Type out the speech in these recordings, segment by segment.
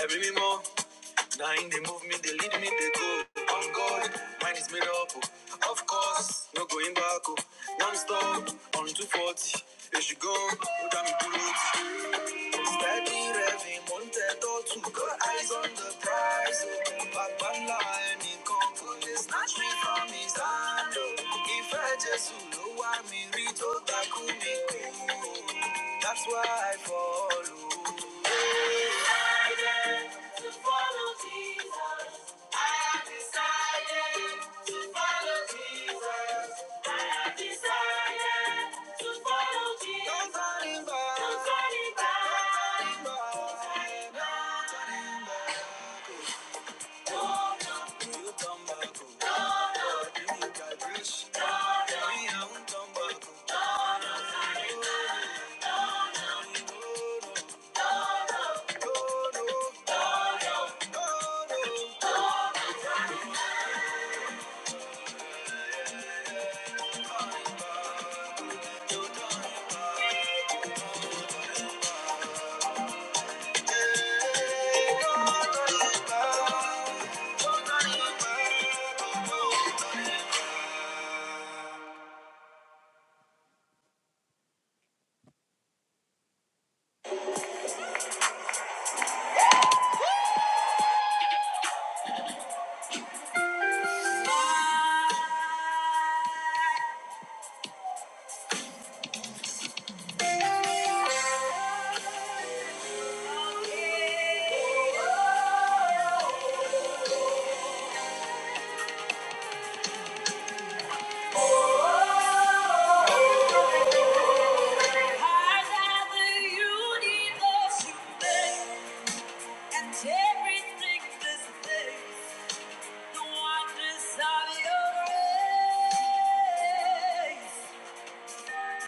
Every me more. Now they move me, they lead me, they go. On God, mine is made up. oh. Of course, no going back. Non stop, on 240. There she go, put down me bullet. Steady revving, wanted all to got eyes on the prize. Oh, back one line, he come for this, snatch me from his hand. Oh, if I just know why me reach out, that could be cool. That's why I follow. To follow Jesus, I have decided to follow Jesus. I have decided to follow Jesus. Don't turn back. Don't turn back. Don't turn back. You turn back, oh, God, you can reach. No, no. Me, I won't turn back, oh. God. No, no, no, no, no, no.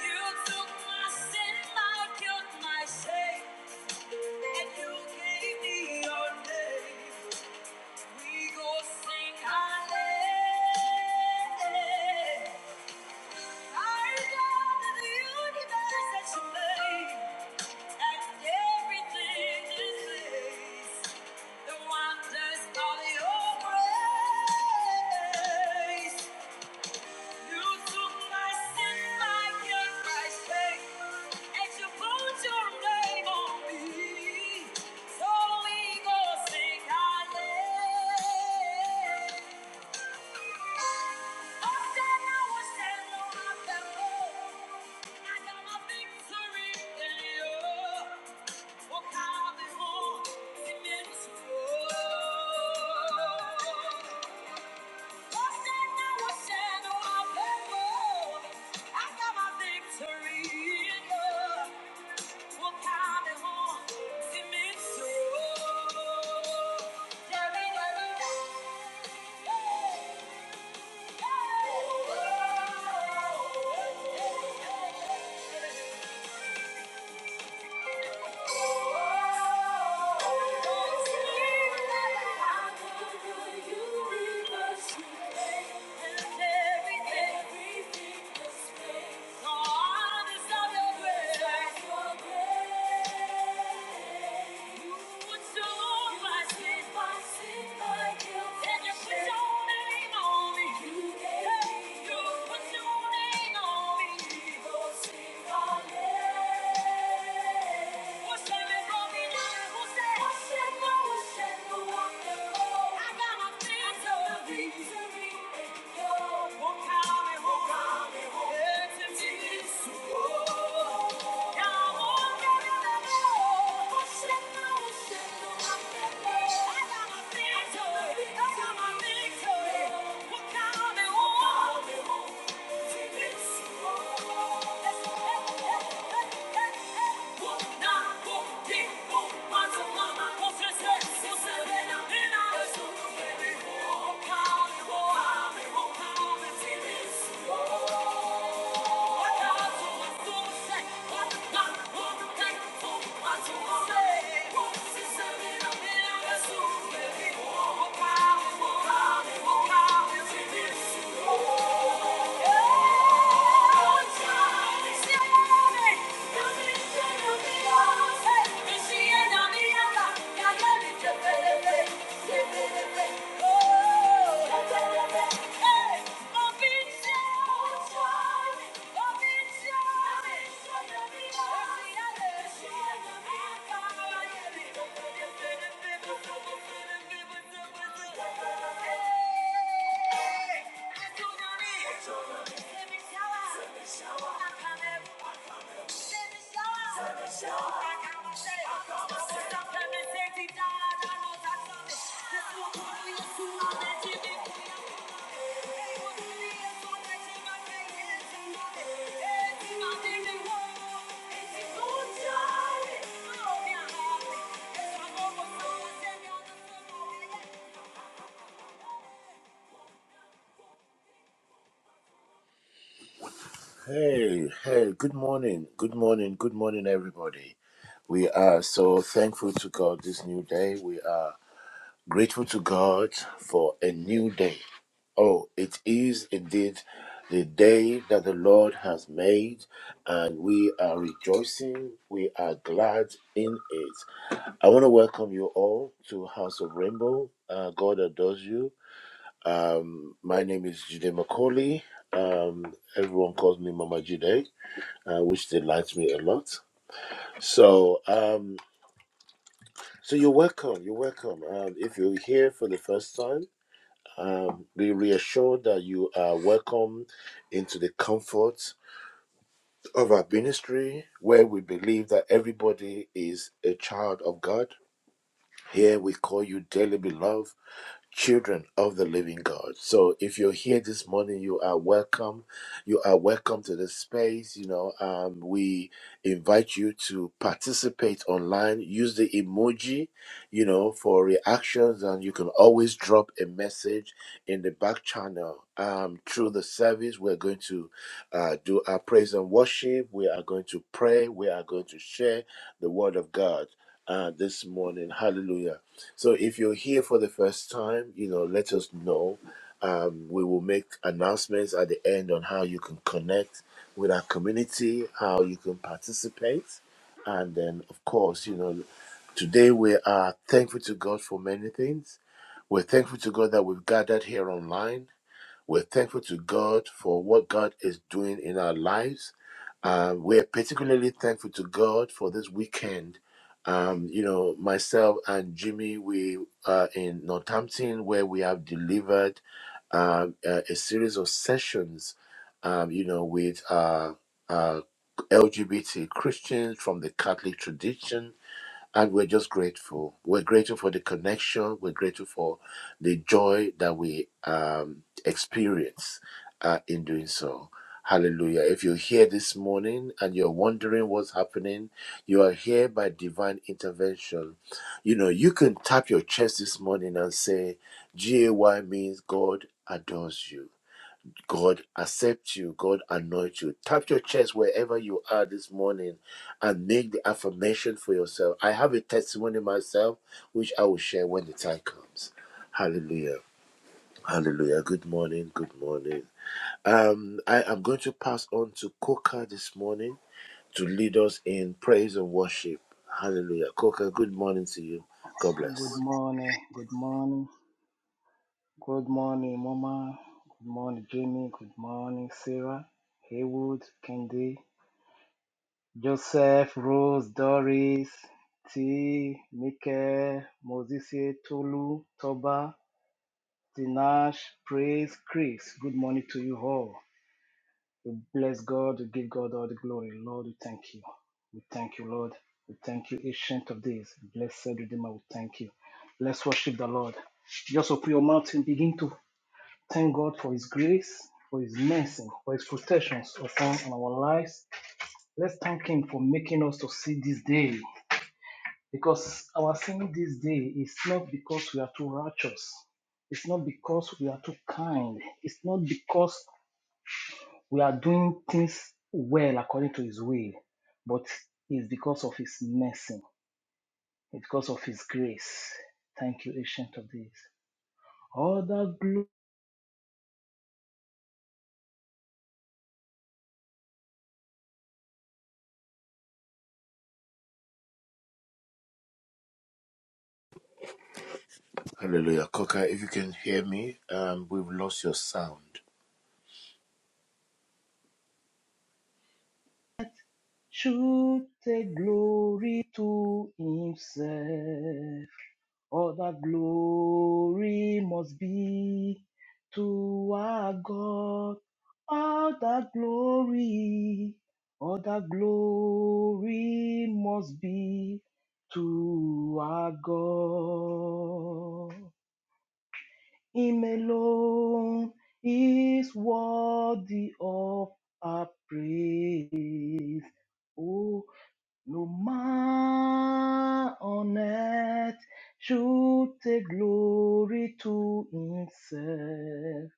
You took my sin, my guilt, my shame. And you gave me your name. We go sing hallelujah. I love the universe that you made and everything in place. The wonders of your grace. You took my sin, my guilt, my shame, and you put your name on me. So we go sing hallelujah. Oh, stand now, oh, stand now, I can I got my victory in you. Oh, come and hold me, you. Thank you. Thank you. go sing hallelujah. Thank you. Oh, Hey! Thank you. Hey, hey, good morning, good morning, good morning, everybody. We are so thankful to God this new day. We are grateful to God for a new day. Oh, it is indeed the day that the Lord has made, and we are rejoicing. We are glad in it. I want to welcome you all to House of Rainbow. Uh, God adores you. Um, my name is Jide Macaulay. Um, everyone calls me Mama Jide uh, which delights me a lot. So, um, so you're welcome. You're welcome. Um, if you're here for the first time, um, be reassured that you are welcome into the comfort of our ministry, where we believe that everybody is a child of God. Here we call you dearly beloved. children of the living God. So if you're here this morning, you are welcome. You are welcome to this space. You know, um, we invite you to participate online. Use the emoji, you know, for reactions, and you can always drop a message in the back channel. Um, through the service, we're going to uh, do our praise and worship. We are going to pray. We are going to share the word of God uh, this morning. Hallelujah. So if you're here for the first time, you know, let us know. Um, we will make announcements at the end on how you can connect with our community, how you can participate. And then, of course, you know, today we are thankful to God for many things. We're thankful to God that we've gathered here online we're thankful to God for what God is doing in our lives. Um, we're particularly thankful to God for this weekend. Um, you know, myself and Jimmy, we are in Northampton where we have delivered um, a, a series of sessions, um, you know, with uh, uh, LGBT Christians from the Catholic tradition and we're just grateful. We're grateful for the connection. We're grateful for the joy that we um, experience uh, in doing so. Hallelujah. If you're here this morning and you're wondering what's happening, you are here by divine intervention. You know, you can tap your chest this morning and say, GAY means God adores you. God accept you. God anoint you. Tap your chest wherever you are this morning and make the affirmation for yourself. I have a testimony myself, which I will share when the time comes. Hallelujah. Hallelujah. Good morning. Good morning. Um, I am going to pass on to Coca this morning to lead us in praise and worship. Hallelujah. Coca, good morning to you. God bless. Good morning, good morning, good morning, Mama. Good morning, Jimmy. Good morning, Sarah, Haywood, Kendi, Joseph, Rose, Doris, T, Mike, Moses, Tolu, Toba, Tinash, Praise, Chris. Good morning to you all. We bless God. We give God all the glory. Lord, we thank you. We thank you, Lord. We thank you, Ancient of Days. Blessed Redeemer, we thank you. Let's worship the Lord. Just open your mouth and begin to thank God for His grace, for His mercy, for His protections upon our lives. Let's thank Him for making us to see this day. Because our seeing this day is not because we are too righteous. It's not because we are too kind. It's not because we are doing things well according to His will, but it's because of His mercy, it's because of His grace. Thank you, Ancient of Days. All the glory Hallelujah. Coca, if you can hear me, um, we've lost your sound. should take glory to Himself. All the glory must be to our God. All the glory, all the glory must be to our God. Him alone is worthy of our praise. Oh. No man on earth should take glory to himself,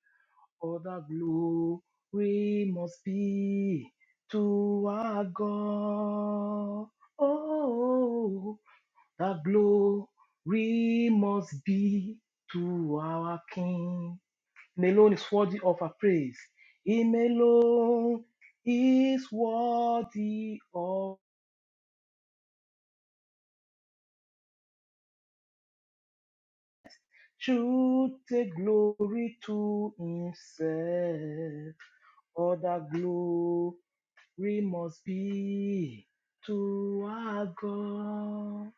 for the glory must be to our God. Oh, the glory must be to our King. Him alone is worthy of our praise. Him alone is worthy of should take glory to himself. All that glory must be to our God.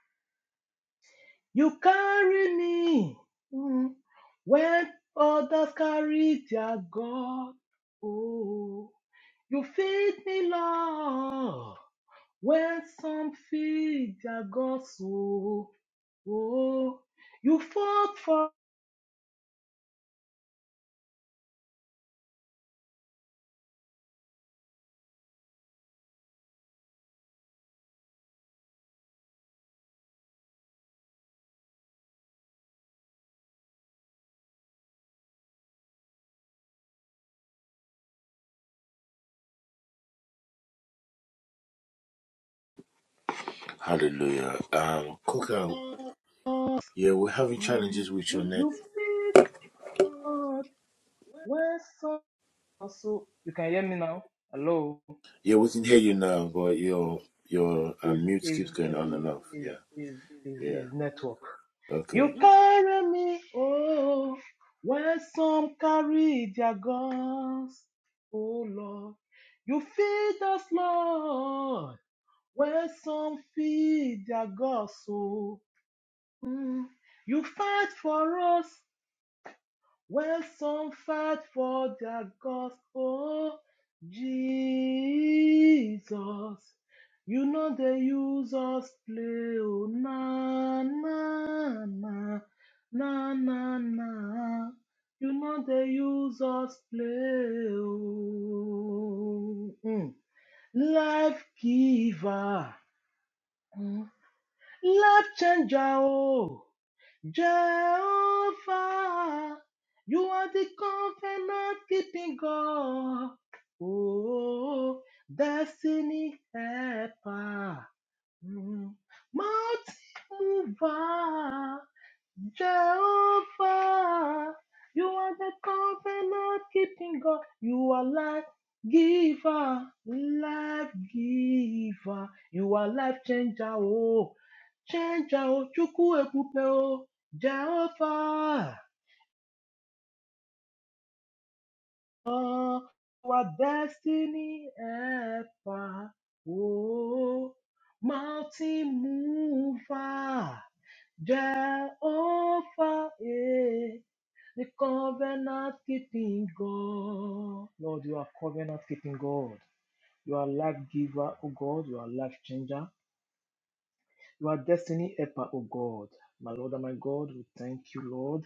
You carry me mm, when others carry their God. Oh, you feed me, Lord, when some feed their God. So, oh, you fought for Hallelujah. Um, Coca, us. Yeah, we're having Mm, challenges with your net. you feed God, where so so you can hear me now? Hello. Yeah, we can hear you now, but your Okay. your uh, Is mute is keeps going on and maybe off. is Yeah, is is yeah. is network. Okay. You carry me, oh, where some carry their guns, oh Lord. You feed us, Lord, where some feed their guns, oh. Mm. You fight for us, Well, some fight for their gospel, Jesus. You know they use us play, oh, na na na na na na. You know they use us play, oh. Mm. Life giver, mm. life changer, oh. Jehovah, you are the covenant keeping God. Oh, destiny helper, Mm. mountain mover. Jehovah, you are the covenant keeping God. You are life giver, life giver. You are life changer. Oh. Chenja o, chukwu ekwupe o, Jehovah, oh, our destiny helper, oh, mountain mover, Jehovah, eh, the covenant keeping God. Lord, you are covenant keeping God. You are life giver, oh God. You are life changer. You are destiny helper, oh God. My Lord and my God, we thank you, Lord.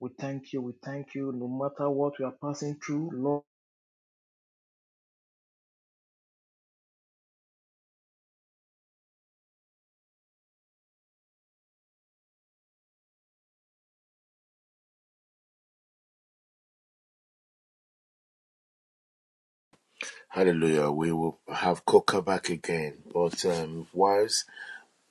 We thank you. We thank you. No matter what we are passing through, Lord. Hallelujah. We will have Coca back again, but um, whilst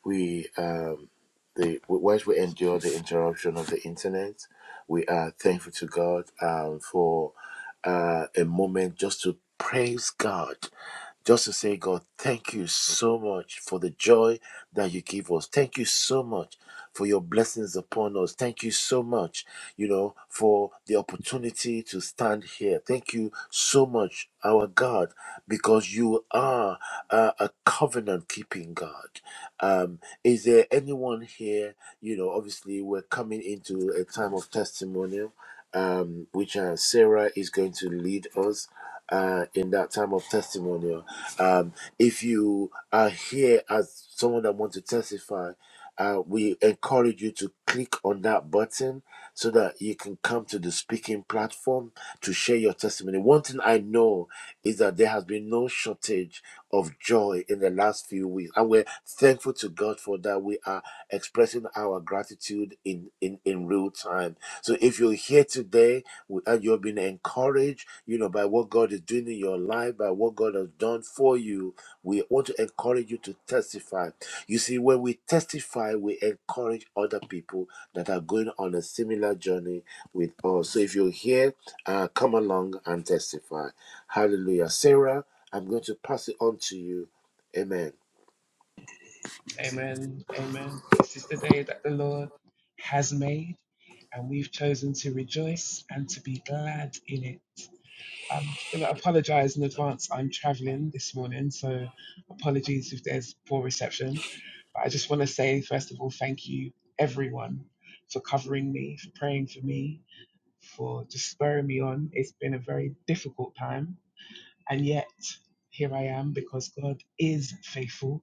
we um the whilst we endure the interruption of the internet, we are thankful to God um for uh, a moment just to praise God just to say, God, thank you so much for the joy that you give us. Thank you so much for your blessings upon us. Thank you so much, you know, for the opportunity to stand here. Thank you so much, our God, because you are uh, a covenant keeping God. Um, is there anyone here? You know, obviously, we're coming into a time of testimonial. Um, which uh, Sarah is going to lead us uh, in that time of testimonial. Um, if you are here as someone that wants to testify, uh, we encourage you to click on that button so that you can come to the speaking platform to share your testimony. One thing I know is that there has been no shortage of joy in the last few weeks, and we're thankful to God for that. We are expressing our gratitude in in in real time. So if you're here today uh, you've been encouraged, you know, by what God is doing in your life, by what God has done for you. We want to encourage you to testify. You see, when we testify, we encourage other people that are going on a similar journey with us. So if you're here, uh, come along and testify. Hallelujah. Sarah, I'm going to pass it on to you. Amen. Amen. Amen. This is the day that the Lord has made, and we've chosen to rejoice and to be glad in it. Um, I'm going to apologize in advance. I'm traveling this morning, so apologies if there's poor reception. But I just want to say, first of all, thank you, everyone, for covering me, for praying for me, for just spurring me on. It's been a very difficult time and yet, here I am because God is faithful.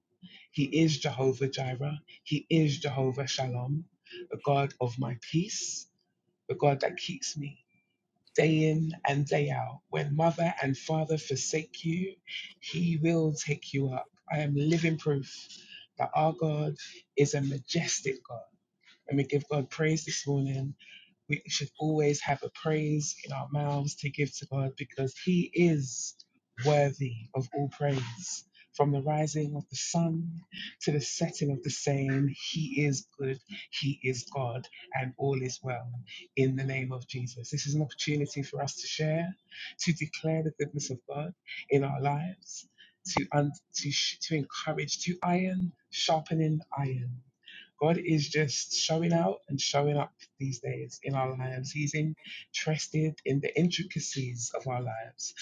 He is Jehovah Jireh. He is Jehovah Shalom, the God of my peace, the God that keeps me day in and day out. When mother and father forsake you, He will take you up. I am living proof that our God is a majestic God. Let me give God praise this morning we should always have a praise in our mouths to give to God because He is worthy of all praise. From the rising of the sun to the setting of the same, He is good, He is God, and all is well in the name of Jesus. This is an opportunity for us to share, to declare the goodness of God in our lives, to, un- to, sh- to encourage, to iron, sharpening iron. God is just showing out and showing up these days in our lives. He's interested in the intricacies of our lives.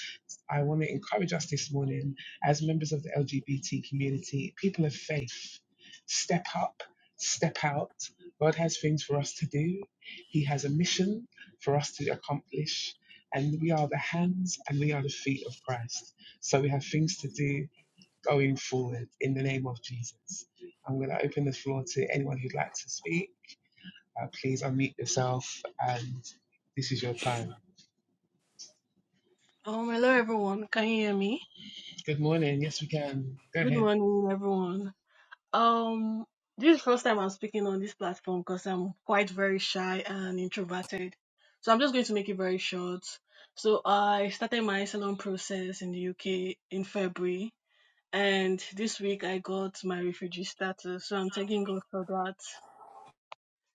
I want to encourage us this morning as members of the LGBT community, people of faith, step up, step out. God has things for us to do, He has a mission for us to accomplish. And we are the hands and we are the feet of Christ. So we have things to do going forward in the name of Jesus. I'm going to open the floor to anyone who'd like to speak. Uh, please unmute yourself and this is your time. Um, hello everyone. Can you hear me? Good morning. Yes, we can. Go Good ahead. morning, everyone. Um, this is the first time I'm speaking on this platform because I'm quite very shy and introverted. So I'm just going to make it very short. So I started my salon process in the UK in February, and this week I got my refugee status. So I'm thanking God for that,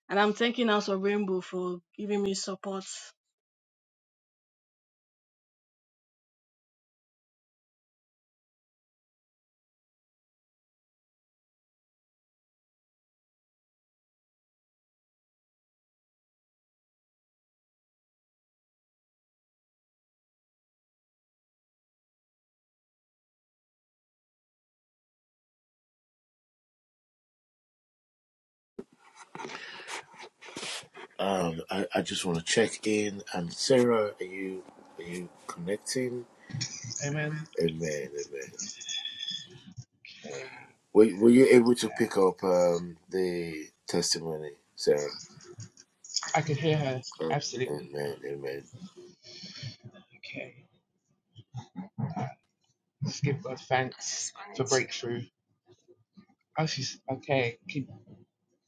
and I'm thanking House of Rainbow for giving me support Um, I, I just want to check in. And Sarah, are you are you connecting? Amen. Amen. Amen. Okay. Were, were you able to pick up um, the testimony, Sarah? I could hear her. Oh, Absolutely. amen, amen, Okay. Just give God I thanks just for wanted to. breakthrough. Oh, she's okay. Can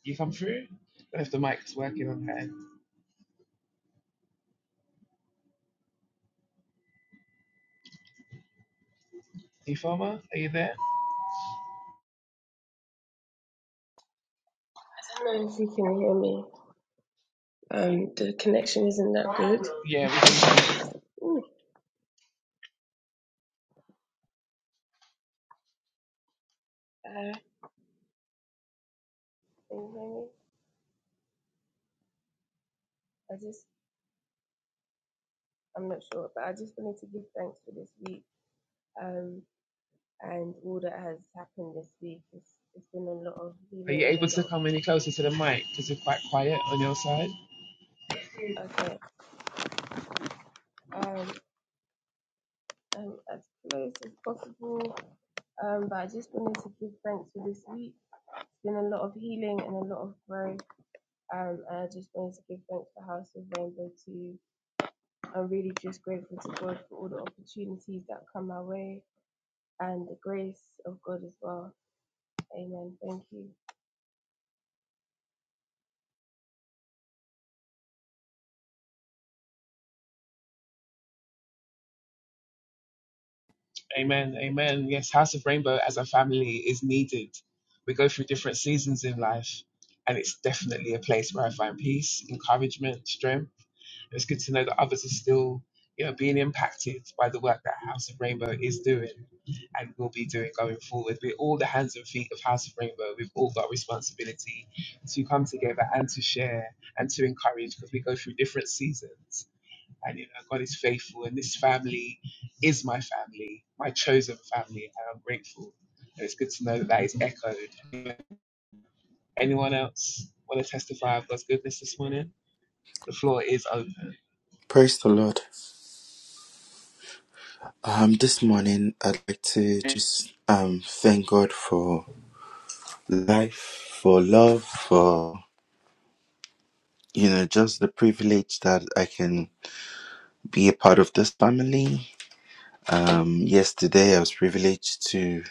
you come through? I don't know if the mic's working on her. Informer, are you there? I don't know if you can hear me. Um, the connection isn't that good. Yeah, we can hear you. Ooh, uh, can you hear me? I just, I'm not sure, but I just wanted to give thanks for this week. Um, and all that has happened this week. It's, it's been a lot of Are you healing and able a to lot come any closer to the mic? Because you're quite quiet on your side. of okay. Um, um, as close as possible. Um, but I just wanted to give thanks for this week. It's been a lot of healing and a lot of growth. Um, and I just wanted to give thanks for House of Rainbow too I'm really just grateful to God for all the opportunities that come my way and the grace of God as well. Amen. Thank you. Amen. Amen. Yes, House of Rainbow as a family is needed. We go through different seasons in life, and it's definitely a place where I find peace, encouragement, strength. It's good to know that others are still, you know, being impacted by the work that House of Rainbow is doing and will be doing going forward. We're all the hands and feet of House of Rainbow. We've all got responsibility to come together and to share and to encourage because we go through different seasons. And you know, God is faithful, and this family is my family, my chosen family, and I'm grateful. And it's good to know that that is echoed. Anyone else want to testify of God's goodness this morning? The floor is open. Praise the Lord. Um, this morning I'd like to just um thank God for life, for love, for you know just the privilege that I can be a part of this family. Um, yesterday I was privileged to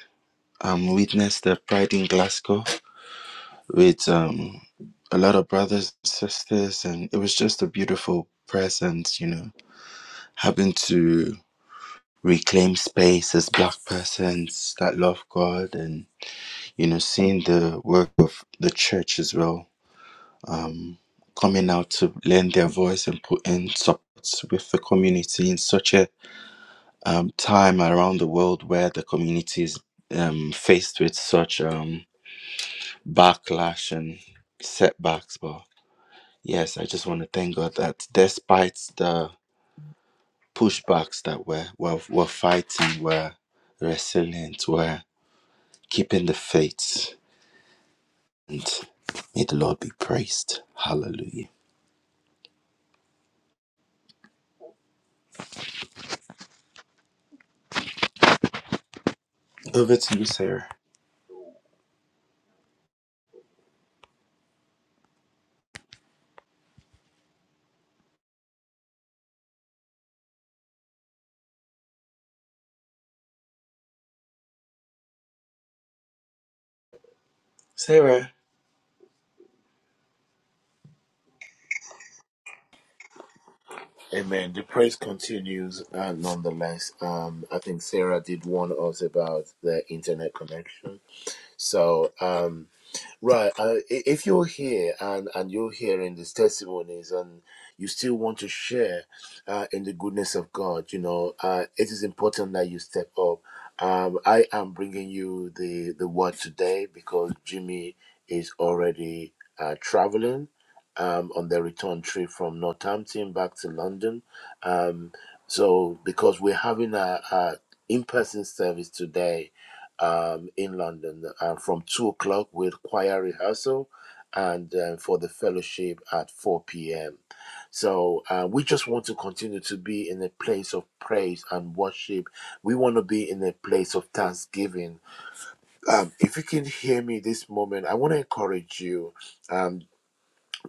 um witness the Pride in Glasgow with um a lot of brothers and sisters, and it was just a beautiful presence. You know, having to reclaim space as Black persons that love God and you know, seeing the work of the church as well, coming out to lend their voice and put in support with the community in such a um, time around the world where the community is um, faced with such um, backlash and setbacks. But yes, I just want to thank God that despite the pushbacks that we're, we're, we're fighting, we're resilient, we're keeping the faith. And may the Lord be praised. Hallelujah. Over to you, Sarah. Sarah. amen. The praise continues, uh, nonetheless. Um, I think Sarah did warn us about the internet connection, so um, Right. Uh, i- if you're here and, and you're hearing these testimonies and you still want to share uh, in the goodness of God, you know, uh, it is important that you step up. Um, I am bringing you the, the word today because Jimmy is already uh, traveling um, on their return trip from Northampton back to London. Um, so, because we're having a, a in person service today um, in London uh, from two o'clock with choir rehearsal and uh, for the fellowship at 4 p.m. So uh, we just want to continue to be in a place of praise and worship. We want to be in a place of thanksgiving. Um, if you can hear me this moment, I want to encourage you. Um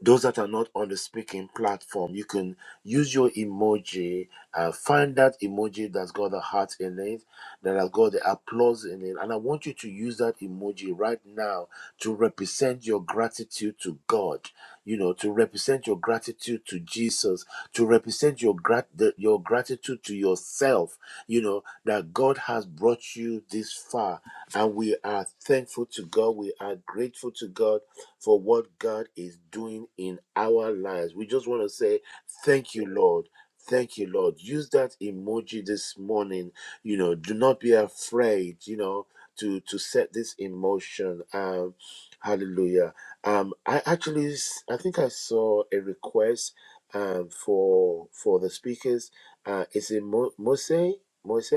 those that are not on the speaking platform, you can use your emoji. Uh, find that emoji that's got the heart in it, that has got the applause in it. And I want you to use that emoji right now to represent your gratitude to God, you know, to represent your gratitude to Jesus, to represent your, grat- the, your gratitude to yourself, you know, that God has brought you this far. And we are thankful to God. We are grateful to God for what God is doing in our lives. We just want to say, Thank you, Lord. Thank you, Lord. Use that emoji this morning. You know, do not be afraid, you know, to, to set this in motion. Um, hallelujah. Um, I actually, s- I think I saw a request um, for for the speakers. Uh, is it Mo- Mose? Mose?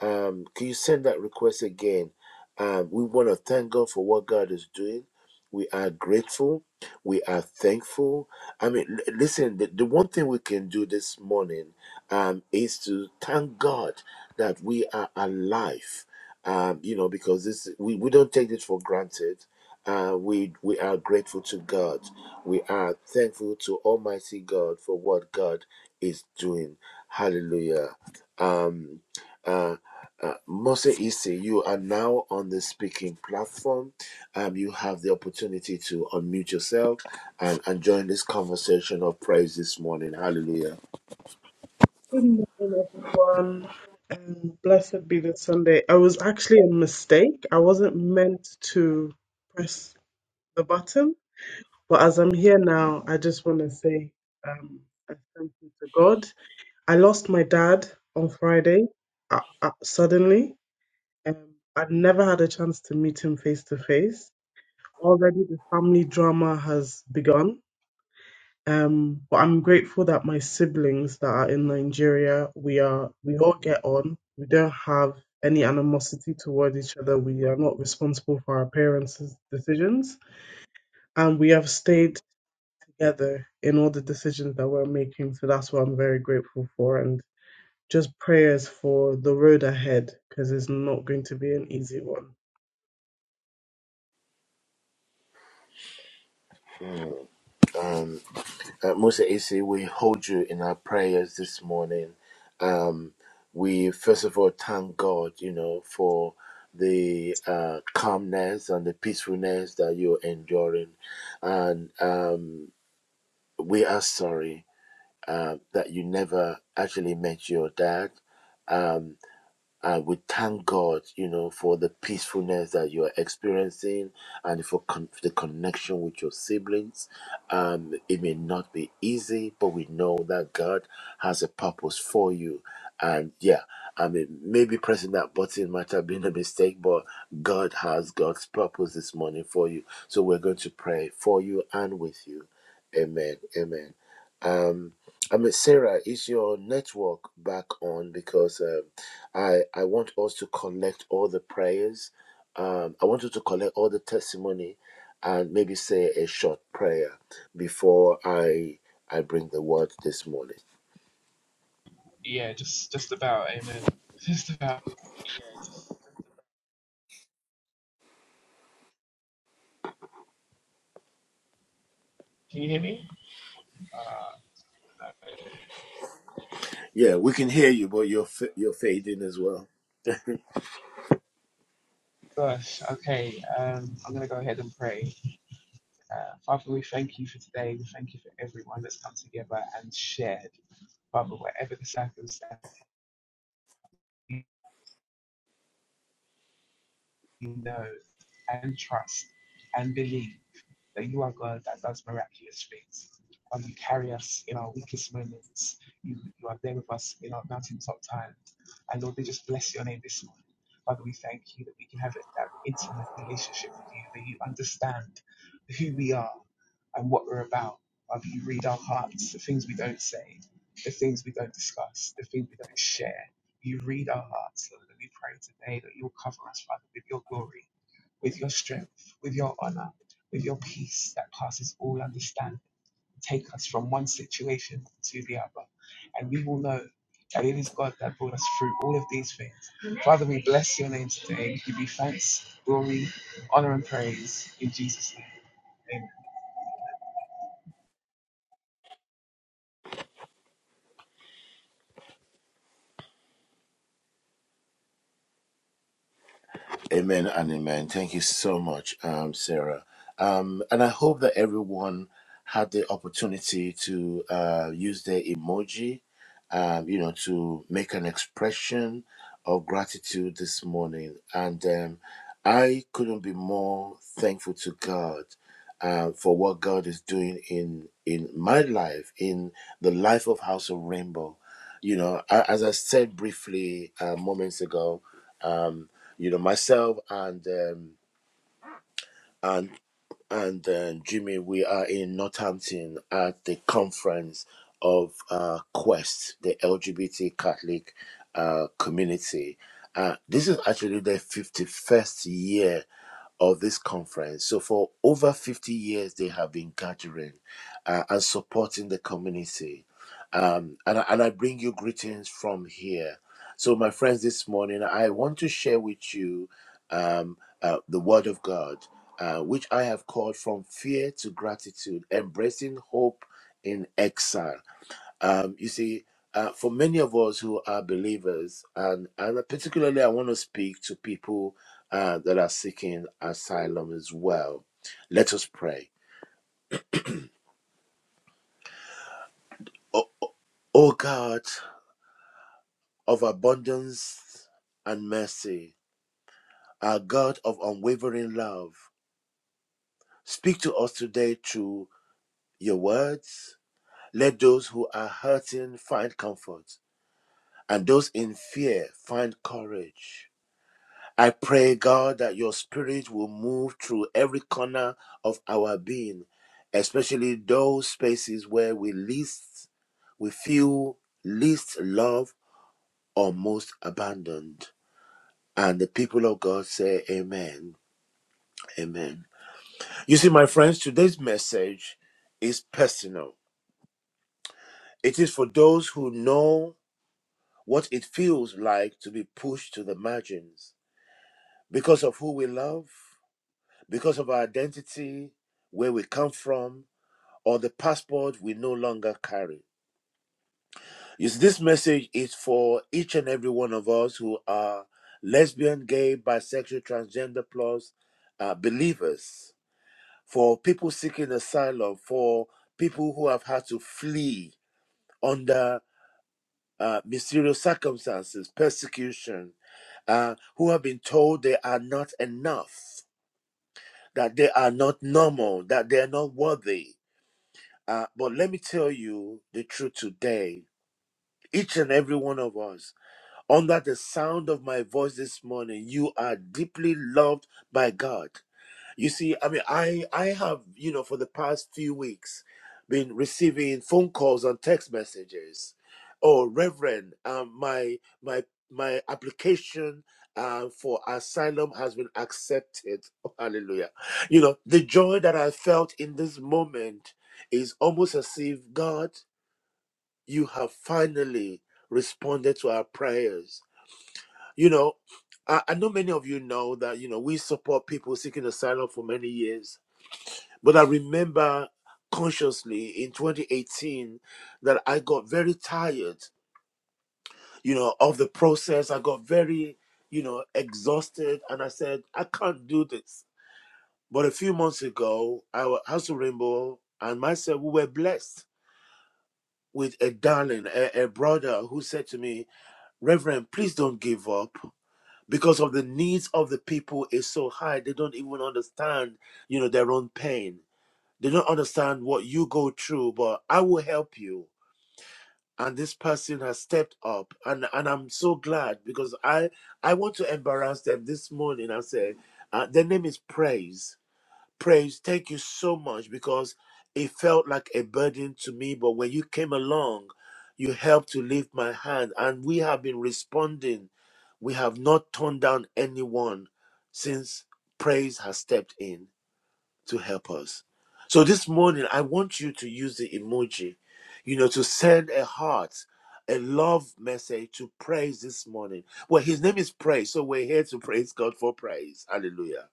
Um, can you send that request again? Um, we want to thank God for what God is doing. We are grateful. We are thankful. I mean, l- listen, the, the one thing we can do this morning um, is to thank God that we are alive. Um, you know, because this we, we don't take it for granted. Uh, we we are grateful to God. We are thankful to Almighty God for what God is doing. Hallelujah. Um, uh, uh, Mose Issy, you are now on the speaking platform um, you have the opportunity to unmute yourself and, and join this conversation of praise this morning. Hallelujah. Good morning, everyone, and blessed be the Sunday. I was actually a mistake. I wasn't meant to press the button, but as I'm here now, I just want to say um, I thank you to God. I lost my dad on Friday uh, uh, suddenly. Um, I'd never had a chance to meet him face to face. Already, the family drama has begun um, but I'm grateful that my siblings that are in Nigeria, we are we all get on. We don't have any animosity toward each other. We are not responsible for our parents' decisions, and we have stayed together in all the decisions that we're making. So that's what I'm very grateful for, and just prayers for the road ahead because it's not going to be an easy one. Um, uh, Musa Isi, we hold you in our prayers this morning. Um, we first of all thank God, you know, for the uh, calmness and the peacefulness that you're enduring. And um, we are sorry uh, that you never actually met your dad. Um. I would thank God, you know, for the peacefulness that you are experiencing and for con- the connection with your siblings. Um, it may not be easy, but we know that God has a purpose for you. And yeah, I mean, maybe pressing that button might have been a mistake, but God has God's purpose this morning for you. So we're going to pray for you and with you. Amen. Amen. Um, I mean, Sarah, is your network back on? Because um, I I want us to collect all the prayers. Um, I want you to collect all the testimony, and maybe say a short prayer before I I bring the word this morning. Yeah, just just about. Amen. Just about. Can you hear me? Uh, no. Yeah, we can hear you, but you're fa- you're fading as well. Gosh, okay. Um, I'm going to go ahead and pray. Uh, Father, we thank you for today. We thank you for everyone that's come together and shared. Father, whatever the circumstance. knows and trusts and believes that you are God that does miraculous things. Um, you carry us in our weakest moments. You, you are there with us in our mountaintop time. And Lord, we just bless your name this morning. Father, we thank you that we can have that intimate relationship with you, that you understand who we are and what we're about. Father, you read our hearts, the things we don't say, the things we don't discuss, the things we don't share. You read our hearts, Lord, and we pray today that you'll cover us, Father, with your glory with your strength, with your honor, with your peace that passes all understanding. Take us from one situation to the other, and we will know that it is God that brought us through all of these things. Father, we bless your name today. We give you thanks, glory, honor, and praise in Jesus' name. Amen. Amen and amen. Thank you so much, um, Sarah. Um, and I hope that everyone had the opportunity to uh, use their emoji, um, you know, to make an expression of gratitude this morning. And um, I couldn't be more thankful to God uh, for what God is doing in in my life, in the life of House of Rainbow. You know, a- as I said briefly uh, moments ago. Um, you know myself and um, and and then Jimmy, we are in Northampton at the conference of uh, Quest, the LGBT Catholic uh, community. Uh, this is actually the 51st year of this conference. So, for over 50 years, they have been gathering uh, and supporting the community. Um, and, I- and I bring you greetings from here. So, my friends, this morning I want to share with you um, uh, the Word of God uh, which I have called from fear to gratitude, embracing hope in exile. Um, you see, uh, for many of us who are believers, and, and particularly I want to speak to people uh, that are seeking asylum as well. Let us pray. Oh, oh God of abundance and mercy, our God of unwavering love, speak to us today through your words. Let those who are hurting find comfort. and those in fear find courage. I pray, God, that your spirit will move through every corner of our being, especially those spaces where we least, we feel least loved or most abandoned. And the people of God say, Amen. Amen. You see, my friends, today's message is personal. It is for those who know what it feels like to be pushed to the margins because of who we love because of our identity, where we come from, or the passport we no longer carry. You see, this message is for each and every one of us who are lesbian, gay, bisexual, transgender plus uh, believers, for people seeking asylum, for people who have had to flee under uh, mysterious circumstances, persecution, uh, who have been told they are not enough, that they are not normal, that they are not worthy Uh, but let me tell you the truth today. Each and every one of us, under the sound of my voice this morning, you are deeply loved by God. You see, I mean, I I have you know for the past few weeks been receiving phone calls and text messages. Oh, Reverend, um, my my my application uh, for asylum has been accepted. Oh, hallelujah! You know the joy that I felt in this moment is almost as if God, you have finally responded to our prayers. You know, I, I know many of you know that you know we support people seeking asylum for many years but I remember consciously in 2018 that I got very tired, you know, of the process. I got very, you know, exhausted and I said, I can't do this. But a few months ago, our House of Rainbow and myself, we were blessed with a darling, a, a brother who said to me, Reverend, please don't give up because of the needs of the people is so high. They don't even understand, you know, their own pain They don't understand what you go through, but I will help you. And this person has stepped up, and, and I'm so glad because I I want to embarrass them this morning. I say, uh, their name is Praise. Praise, thank you so much because it felt like a burden to me, but when you came along, you helped to lift my hand, and we have been responding. We have not turned down anyone since Praise has stepped in to help us. So this morning, I want you to use the emoji, you know, to send a heart, a love message to praise this morning. Well, his name is praise, so we're here to praise God for praise. Hallelujah.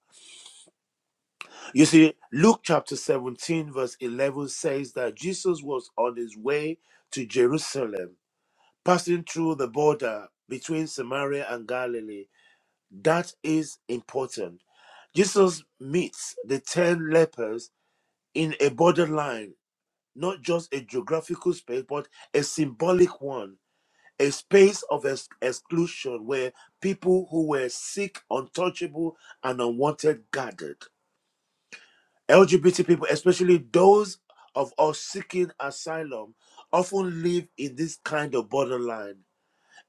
You see, Luke chapter 17, verse 11 says that Jesus was on his way to Jerusalem, passing through the border between Samaria and Galilee. That is important. Jesus meets the 10 lepers in a borderline not just a geographical space, but a symbolic one, a space of ex- exclusion where people who were sick, untouchable, and unwanted gathered. LGBT people, especially those of us seeking asylum, often live in this kind of borderline.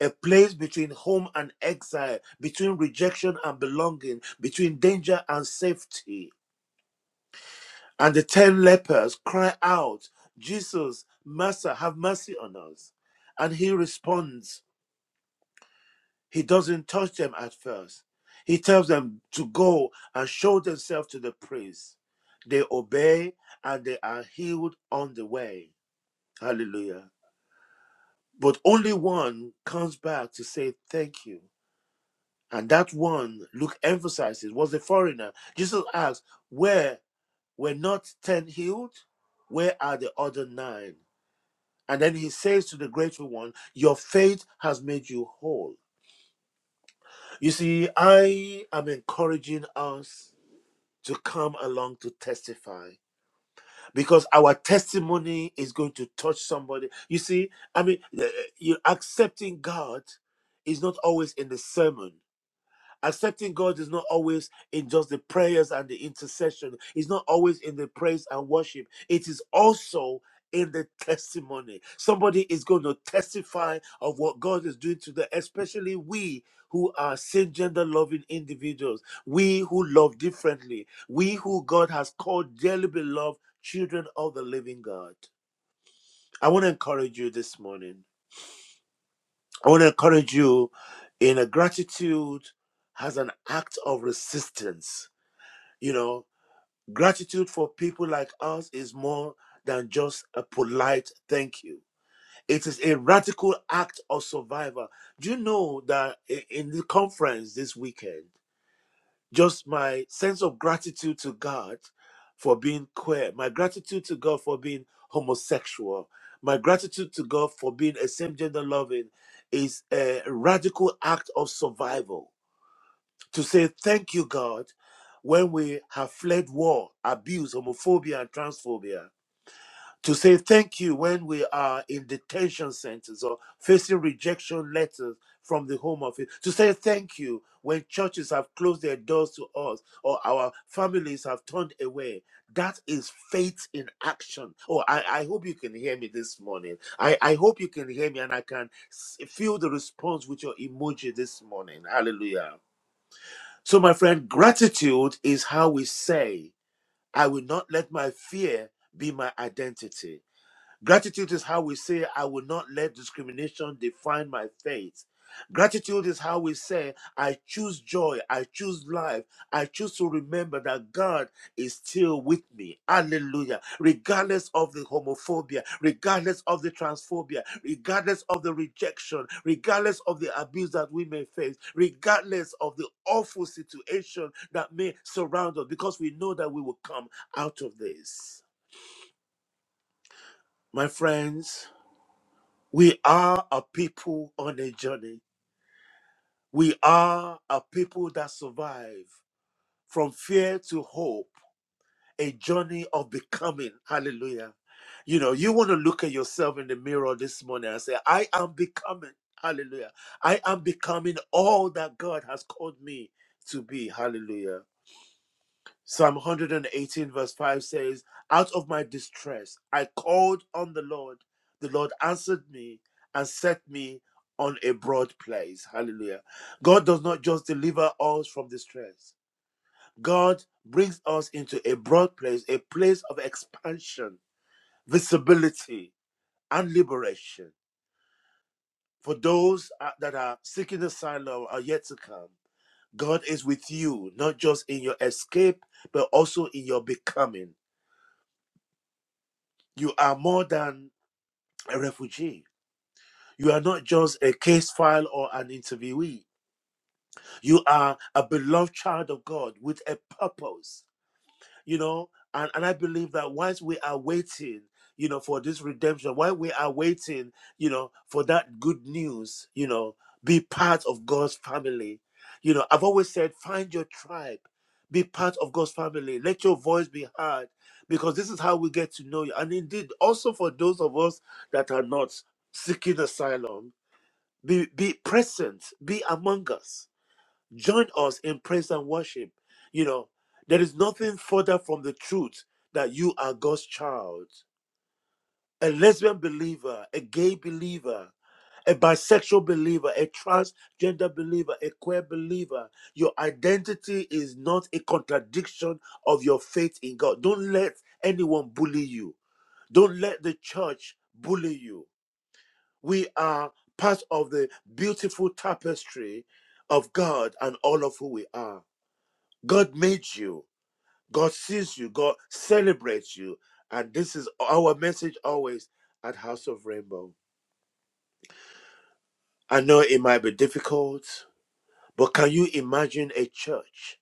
A place between home and exile, between rejection and belonging, between danger and safety. And the ten lepers cry out, Jesus, Master, have mercy on us. And he responds, he doesn't touch them at first. He tells them to go and show themselves to the priest. They obey and they are healed on the way. Hallelujah. But only one comes back to say thank you. And that one, Luke emphasizes, was a foreigner. Jesus asks, Where were not ten healed? Where are the other nine? And then he says to the grateful one, Your faith has made you whole. You see, I am encouraging us to come along to testify because our testimony is going to touch somebody. You see, I mean, eh, eh, you accepting God is not always in the sermon. Accepting God is not always in just the prayers and the intercession. It's not always in the praise and worship. It is also in the testimony. Somebody is going to testify of what God is doing today. especially we who are same gender loving individuals, we who love differently, we who God has called dearly beloved children of the living God. I want to encourage you this morning. I want to encourage you in a gratitude as an act of resistance you know, gratitude for people like us is more than just a polite thank you. It is a radical act of survival. Do you know that i- in the conference this weekend, just my sense of gratitude to God for being queer, my gratitude to God for being homosexual, my gratitude to God for being a same gender loving is a radical act of survival to say thank you, God, when we have fled war, abuse, homophobia, and transphobia. To say thank you when we are in detention centers or facing rejection letters from the Home Office. To say thank you when churches have closed their doors to us or our families have turned away. That is faith in action. Oh, I, I hope you can hear me this morning. I, I hope you can hear me and I can s- feel the response with your emoji this morning. Hallelujah. So, my friend, gratitude is how we say, I will not let my fear be my identity. Gratitude is how we say, I will not let discrimination define my faith. Gratitude is how we say, I choose joy, I choose life, I choose to remember that God is still with me. Hallelujah. Regardless of the homophobia, regardless of the transphobia, regardless of the rejection, regardless of the abuse that we may face, regardless of the awful situation that may surround us, because we know that we will come out of this. My friends, we are a people on a journey. We are a people that survive from fear to hope, a journey of becoming. Hallelujah. You know, you want to look at yourself in the mirror this morning and say, I am becoming. Hallelujah. I am becoming all that God has called me to be. Hallelujah. Psalm 118, verse 5 says, Out of my distress, I called on the Lord. The Lord answered me and set me on a broad place. Hallelujah. God does not just deliver us from distress, God brings us into a broad place, a place of expansion, visibility, and liberation. For those uh, that are seeking asylum are yet to come, God is with you, not just in your escape, but also in your becoming. You are more than a refugee. You are not just a case file or an interviewee. You are a beloved child of God with a purpose you know and, and i believe that once we are waiting you know for this redemption while we are waiting you know for that good news you know be part of god's family you know i've always said find your tribe be part of god's family let your voice be heard because this is how we get to know you and indeed also for those of us that are not seeking asylum be be present be among us Join us in praise and worship. You know, there is nothing further from the truth that you are God's child. A lesbian believer, a gay believer, a bisexual believer, a transgender believer, a queer believer, your identity is not a contradiction of your faith in God. Don't let anyone bully you. Don't let the church bully you. We are part of the beautiful tapestry of God and all of who we are. God made you. God sees you. God celebrates you. And this is our message always at House of Rainbow. I know it might be difficult, but can you imagine a church,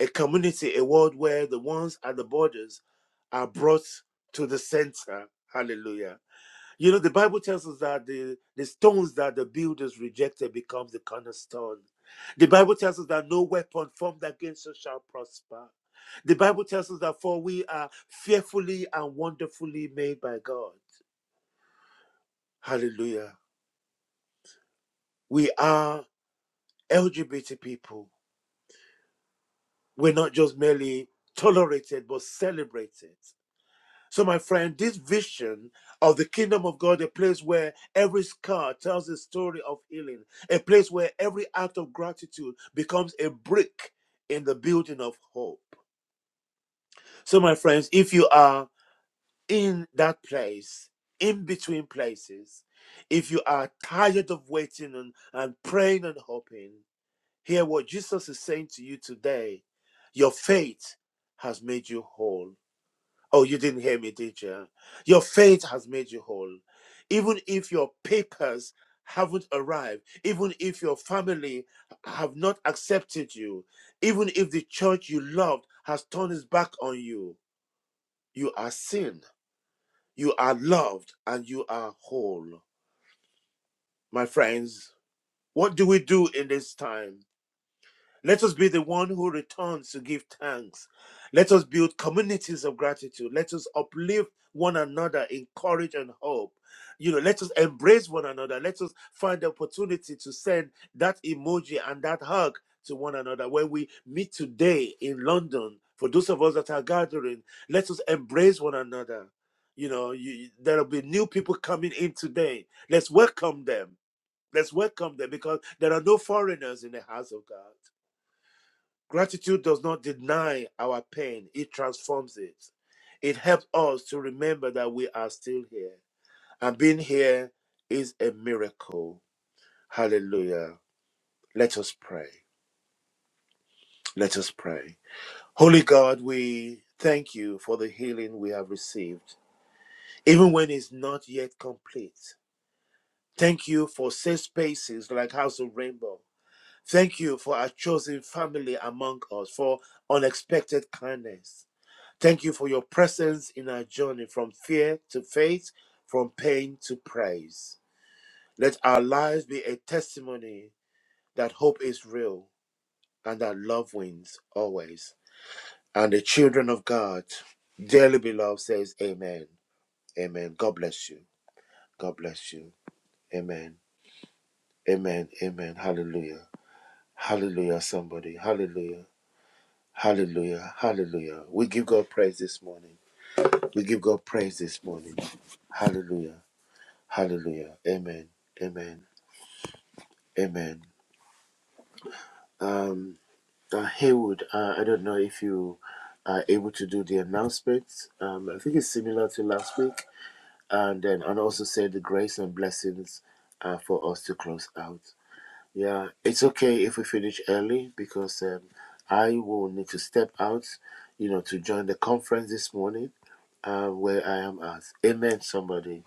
a community, a world where the ones at the borders are brought to the center? Hallelujah. You know, the Bible tells us that the, the stones that the builders rejected become the cornerstone. The Bible tells us that no weapon formed against us shall prosper. The Bible tells us that for we are fearfully and wonderfully made by God. Hallelujah. We are LGBT people. We're not just merely tolerated, but celebrated. So, my friend, this vision of the kingdom of God, a place where every scar tells a story of healing, a place where every act of gratitude becomes a brick in the building of hope. So, my friends, if you are in that place, in between places, if you are tired of waiting and, and praying and hoping, hear what Jesus is saying to you today. Your faith has made you whole Oh, you didn't hear me, did you? Your faith has made you whole. Even if your papers haven't arrived, even if your family have not accepted you, even if the church you loved has turned its back on you, you are seen, you are loved, and you are whole. My friends, what do we do in this time? Let us be the one who returns to give thanks. Let us build communities of gratitude. Let us uplift one another in courage and hope. You know, let us embrace one another. Let us find the opportunity to send that emoji and that hug to one another. When we meet today in London, for those of us that are gathering, let us embrace one another. You know, you, there'll be new people coming in today. Let's welcome them. Let's welcome them because there are no foreigners in the house of God Gratitude does not deny our pain, it transforms it. It helps us to remember that we are still here. And being here is a miracle. Hallelujah. Let us pray. Let us pray. Holy God, we thank you for the healing we have received, even when it's not yet complete. Thank you for safe spaces like House of Rainbow Thank you for our chosen family among us, for unexpected kindness. Thank you for your presence in our journey from fear to faith, from pain to praise. Let our lives be a testimony that hope is real and that love wins always. And the children of God, dearly beloved, says, Amen. Amen. God bless you. God bless you. Amen. Amen. Amen. Hallelujah. Hallelujah, somebody. Hallelujah. Hallelujah. Hallelujah. We give God praise this morning. We give God praise this morning. Hallelujah. Hallelujah. Amen. Amen. Amen. Um, uh, Haywood, uh, I don't know if you are able to do the announcements. Um, I think it's similar to last week. And then, and also say the grace and blessings uh, for us to close out. Yeah, it's okay if we finish early because um, I will need to step out, you know, to join the conference this morning uh, where I am at. Amen, somebody.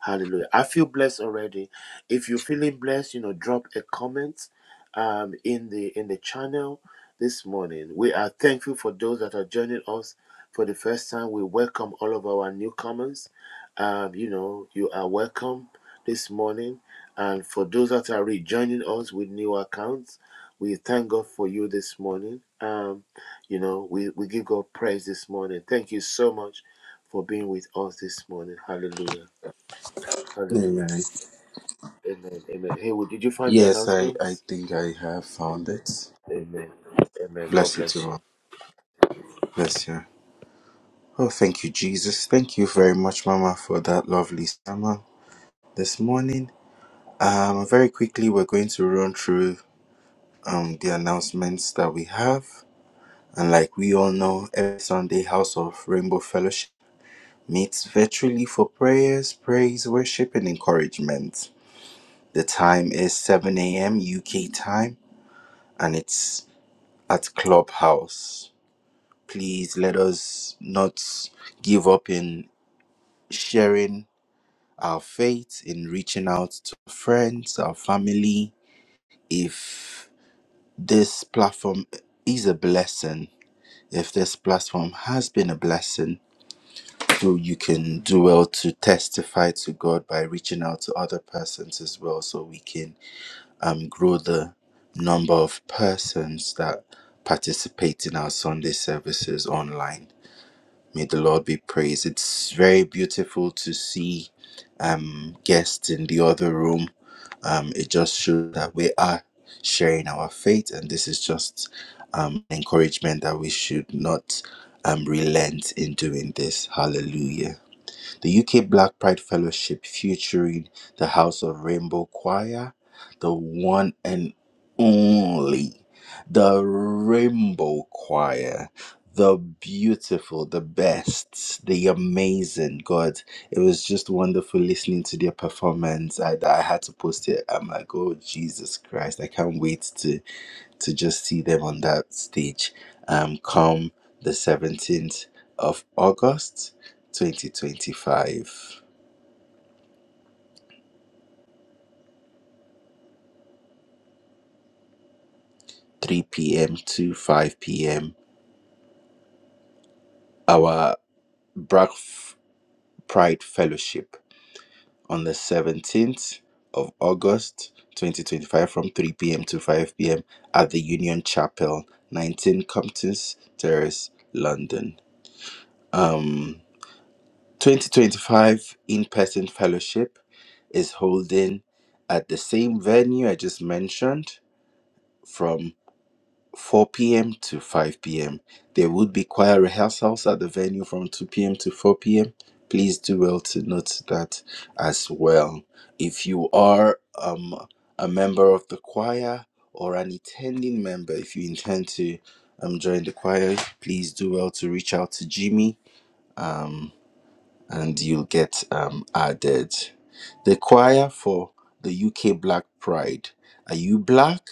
Hallelujah. I feel blessed already. If you're feeling blessed, you know, drop a comment um, in the in the channel this morning. We are thankful for those that are joining us for the first time. We welcome all of our newcomers. Um, you know, you are welcome this morning. And for those that are rejoining us with new accounts, we thank God for you this morning. Um, you know, we, we give God praise this morning. Thank you so much for being with us this morning. Hallelujah. Hallelujah. Amen. Amen. Amen. Heywood, did you find the Yes, I, I announcements? think I have found it. Amen. Amen. God Bless you, bless Timon. you. Bless you. Oh, thank you, Jesus. Thank you very much, Mama, for that lovely summer this morning. Um, very quickly, we're going to run through um the announcements that we have. And like we all know, every Sunday, House of Rainbow Fellowship meets virtually for prayers, praise, worship, and encouragement. The time is 7 a.m. UK time, and it's at Clubhouse. Please let us not give up in sharing our faith, in reaching out to friends, our family. If this platform is a blessing, if this platform has been a blessing, so you can do well to testify to God by reaching out to other persons as well, so we can um, grow the number of persons that participate in our Sunday services online. May the Lord be praised. It's very beautiful to see um, guests in the other room. Um, it just shows that we are sharing our faith, and this is just um, encouragement that we should not um, relent in doing this. Hallelujah. The UK Black Pride Fellowship featuring the House of Rainbow Choir, the one and only, the Rainbow Choir, the beautiful, the best, the amazing. God, it was just wonderful listening to their performance. I, I had to post it. I'm like, oh, Jesus Christ, I can't wait to to just see them on that stage um, come the 17th of August 2025, 3 p.m. to 5 p.m. Our Black F- Pride Fellowship on the 17th of August 2025 from 3 p.m. to 5 p.m. at the Union Chapel, 19 Compton's Terrace, London. Um, 2025 in person fellowship is holding at the same venue I just mentioned from 4 p.m. to 5 p.m. There would be choir rehearsals at the venue from 2 p.m. to 4 p.m. Please do well to note that as well. If you are um, a member of the choir or an attending member, if you intend to um, join the choir, please do well to reach out to Jimmy uh, and you'll get um, added. The choir for the UK Black Pride. Are you black,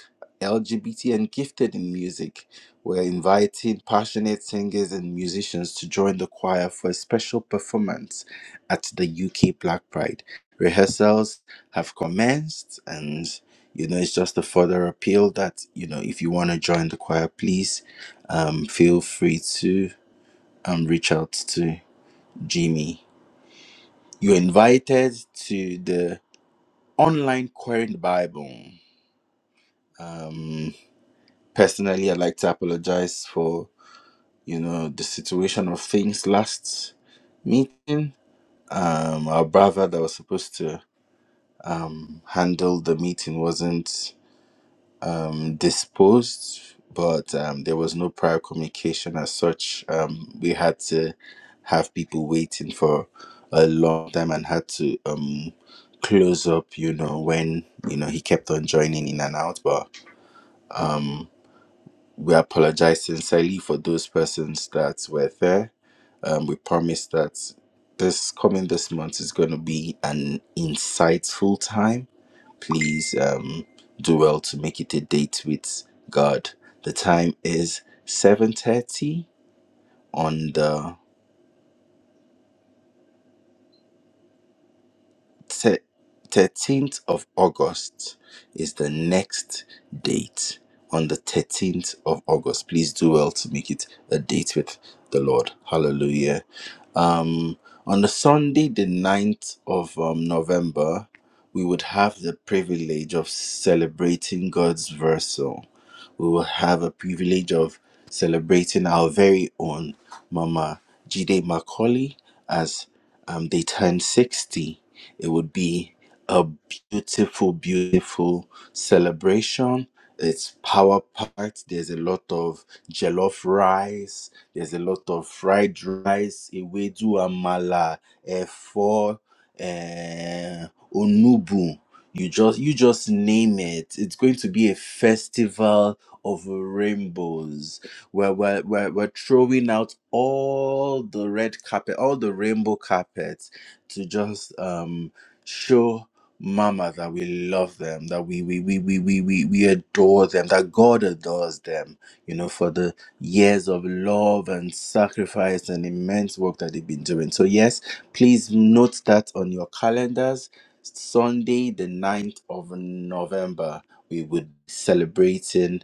LGBT, and gifted in music? We're inviting passionate singers and musicians to join the choir for a special performance at the UK Black Pride. Rehearsals have commenced, and you know, it's just a further appeal that, you know, if you want to join the choir, please um, feel free to um, reach out to Jimmy you're invited to the online Querying the Bible. Um, personally, I'd like to apologize for you know the situation of things last meeting. Um, our brother that was supposed to um, handle the meeting wasn't um, disposed, but um, there was no prior communication as such. Um, we had to have people waiting for a long time and had to um, close up, you know, when, you know, he kept on joining in and out. But we apologize sincerely for those persons that were there. Um, we promise that this coming this month is going to be an insightful time please um, do well to make it a date with God. The time is 7.30 on the 13th of August is the next date. On the 13th of August, please do well to make it a date with the Lord. Hallelujah. Um, on the Sunday, the ninth of um, November, we would have the privilege of celebrating God's Versal. we will have a privilege of celebrating our very own Mama Jide Macaulay as um, they turn 60. It would be a beautiful, beautiful celebration. It's power packed. There's a lot of jollof rice. There's a lot of fried rice, ewedu amala, efo, eh, onubu. You just you just name it. It's going to be a festival of rainbows where we're, we're, we're throwing out all the red carpet all the rainbow carpet to just um show mama that we love them that we we we we we, we, we adore them that god adores them you know for the years of love and sacrifice and immense work that they've been doing so yes please note that on your calendars sunday the ninth of november we would be celebrating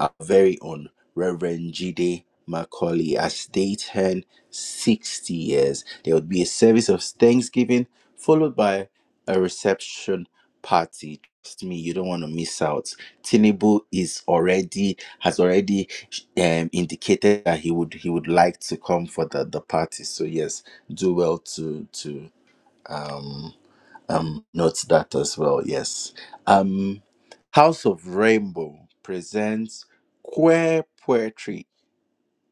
our very own Reverend Jide Macaulay as they turn 60 years. There would be a service of Thanksgiving followed by a reception party. Trust me, you don't want to miss out. Tinubu is already has already um, indicated that he would he would like to come for the, the party. So yes, do well to to um um note that as well yes um house of rainbow presents queer poetry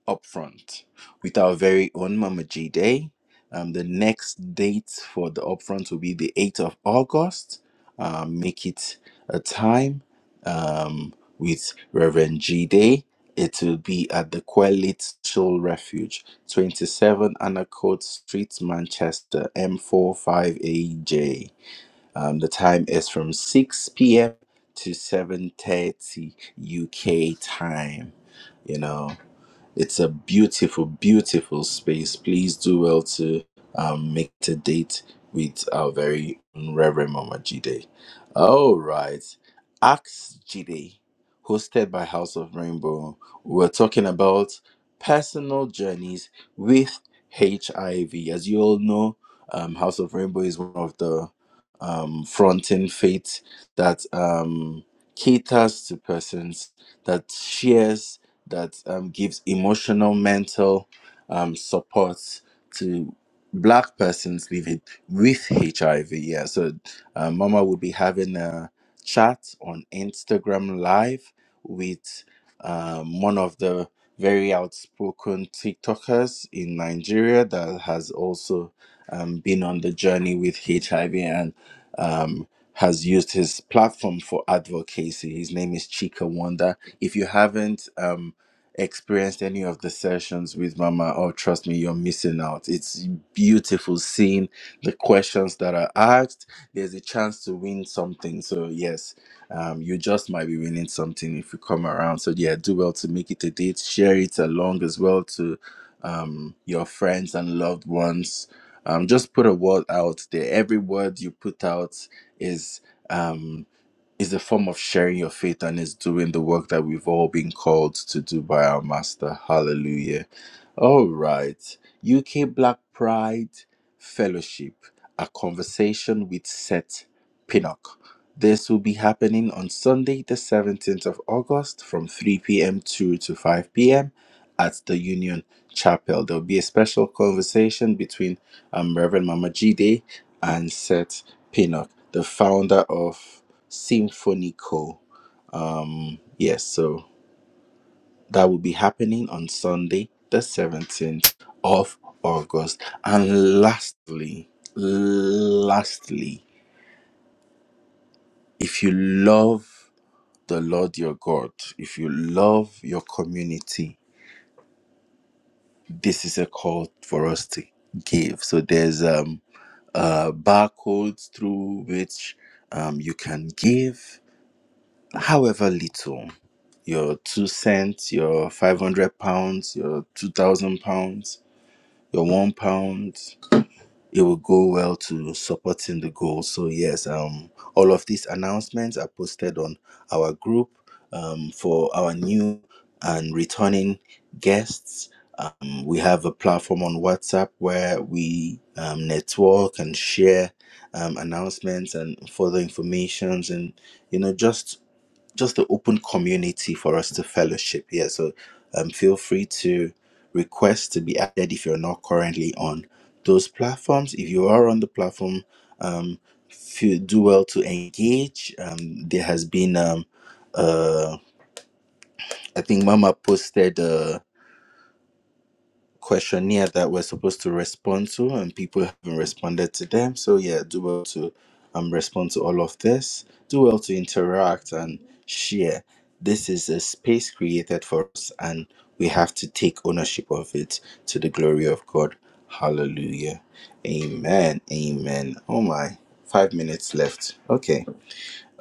upfront with our very own mama g day um the next date for the upfront will be the 8th of august um make it a time um with reverend g day it will be at the Quellit Soul Refuge, 27 Anacott Street, Manchester, m four five aj um, the time is from 6 p.m. to 7:30 UK time. You know, it's a beautiful, beautiful space. Please do well to um, make it a date with our very Reverend Mama Jide. All right. Ask Jide, hosted by House of Rainbow. We're talking about personal journeys with HIV. As you all know, um, House of Rainbow is one of the um, fronting faith that um, caters to persons that shares that um, gives emotional, mental um, support to black persons living with HIV. Yeah, so uh, Mama will be having a chat on Instagram Live with um, one of the very outspoken TikTokers in Nigeria that has also um, been on the journey with HIV and um, has used his platform for advocacy. His name is Chika Wanda. If you haven't, um, experienced any of the sessions with Mama, oh, trust me, you're missing out. It's beautiful seeing the questions that are asked. There's a chance to win something. So, yes, um, you just might be winning something if you come around. So, yeah, do well to make it a date. Share it along as well to um, your friends and loved ones. Um, just put a word out there. Every word you put out is. Um, it's a form of sharing your faith and it's doing the work that we've all been called to do by our Master. Hallelujah. All right. UK Black Pride Fellowship, a conversation with Seth Pinnock. This will be happening on Sunday, the 17th of August from 3 p.m. to, to 5 p.m. at the Union Chapel. There'll be a special conversation between um, Reverend Mama Jide and Seth Pinnock, the founder of Symphonico. Um, yes, so that will be happening on Sunday, the 17th of August. And lastly, lastly, if you love the Lord your God, if you love your community, this is a call for us to give. So there's um uh barcodes through which um you can give however little your two cents, your 500 pounds, your 2,000 pounds, your one pound. It will go well to supporting the goal. So, yes, um, all of these announcements are posted on our group um, for our new and returning guests. Um, we have a platform on WhatsApp where we um, network and share um, announcements and further informations and you know just just the open community for us to fellowship here. So um, feel free to request to be added if you're not currently on those platforms. If you are on the platform, um, feel, do well to engage. Um, there has been, um, uh, I think Mama posted. Uh, questionnaire that we're supposed to respond to, and people haven't responded to them. So yeah, do well to um respond to all of this. Do well to interact and share. This is a space created for us, and we have to take ownership of it to the glory of God. Hallelujah. Amen. Amen. Oh my. Five minutes left. Okay.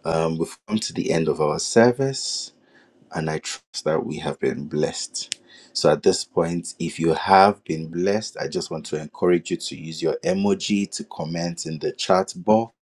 Um, we've come to the end of our service and I trust that we have been blessed. So at this point, if you have been blessed, I just want to encourage you to use your emoji to comment in the chat box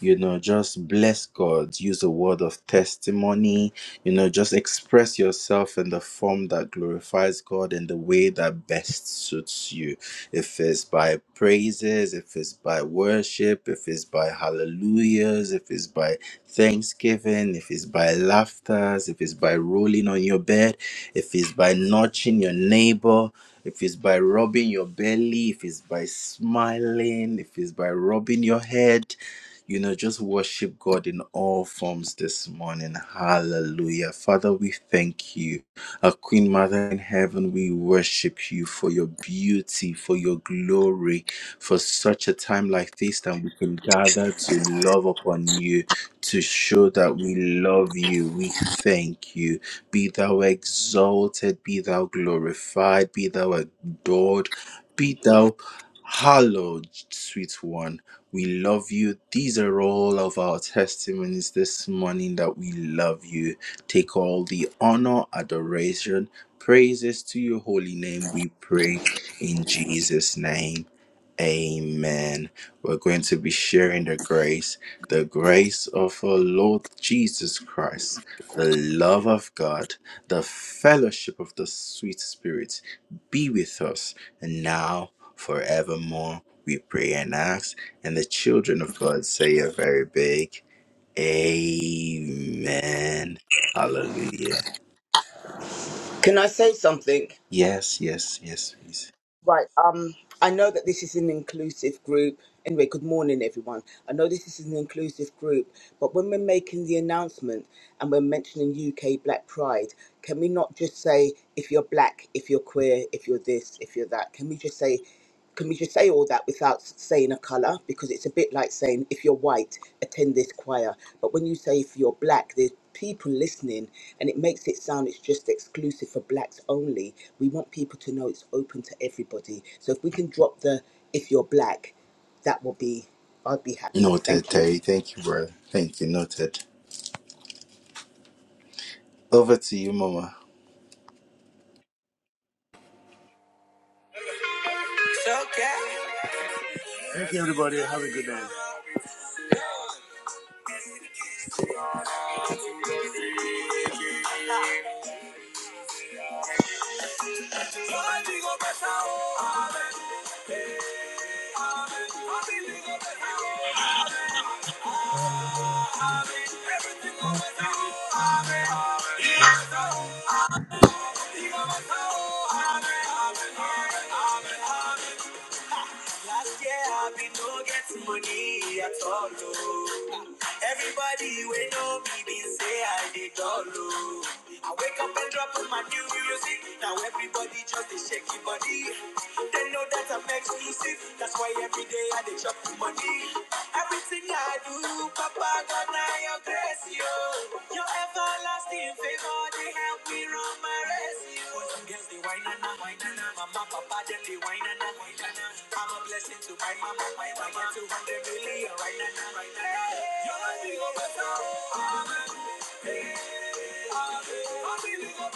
you know just bless god use a word of testimony you know just express yourself in the form that glorifies god in the way that best suits you if it's by praises if it's by worship if it's by hallelujahs if it's by thanksgiving if it's by laughters if it's by rolling on your bed if it's by nudging your neighbor if it's by rubbing your belly, if it's by smiling, if it's by rubbing your head, you know, just worship God in all forms this morning. Hallelujah. Father, we thank you. Our Queen Mother in heaven, we worship you for your beauty, for your glory, for such a time like this that we can gather to love upon you, to show that we love you. We thank you. Be thou exalted, be thou glorified, be thou adored, be thou. Hallowed, sweet one, we love you. These are all of our testimonies this morning that we love you. Take all the honor, adoration, praises to your holy name, we pray in Jesus' name. Amen. We're going to be sharing the grace, the grace of our Lord Jesus Christ, the love of God, the fellowship of the sweet Spirit be with us and now forevermore. We pray and ask, and the children of God say a very big Amen. Hallelujah. Can I say something? Yes, yes, yes, please. Right. Um, I know that this is an inclusive group. Anyway, good morning, everyone. I know this is an inclusive group, but when we're making the announcement and we're mentioning UK Black Pride, can we not just say if you're black, if you're queer, if you're this, if you're that? Can we just say can we just say all that without saying a colour? Because it's a bit like saying, if you're white, attend this choir. But when you say if you're black, there's people listening and it makes it sound it's just exclusive for blacks only. We want people to know it's open to everybody. So if we can drop the if you're black, that will be, I'd be happy. Noted, Thank you. Terry. Thank you, brother. Thank you. Noted. Over to you, Mama. Thank you, everybody. Have a good night. Last year I been no get money at all. oh. Everybody we know me been say I did all. oh. I wake up and drop on my new music. Now everybody just a shaky body. They know that I'm exclusive. That's why every day I dey chop the money. Everything I do, Papa God now your grace, yo. Your everlasting favor they help me run my race, yo. Yes, they whine and I whine and I. Mama, papa, them they whine and I whine and I. I'm a blessing to my mama, my mama. I get 200 million right now, right now. You're a big old better. I'm a big old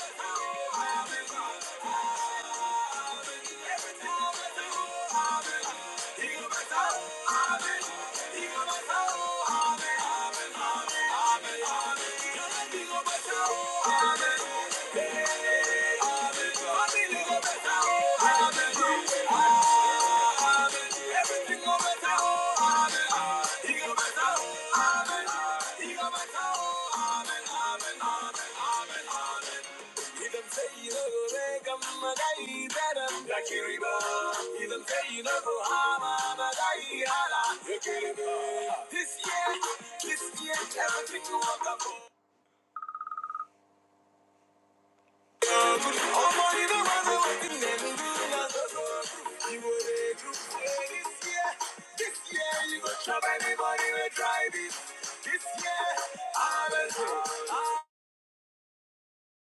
better. Big old better. Amen. Big old better. Amen. Amen. Amen. Amen. Amen. Idam sayyid gore gammagai daram rakiriba. Idam sayyid go hama magai hala rakiriba. This year, this year, everything you walk up. Ọmọ inú máa ń wá sí lẹ́nu you lọ́sọ̀rọ̀. Ìwò ètò pé this year, this year you go chop anybody wey try this. This year, I will do.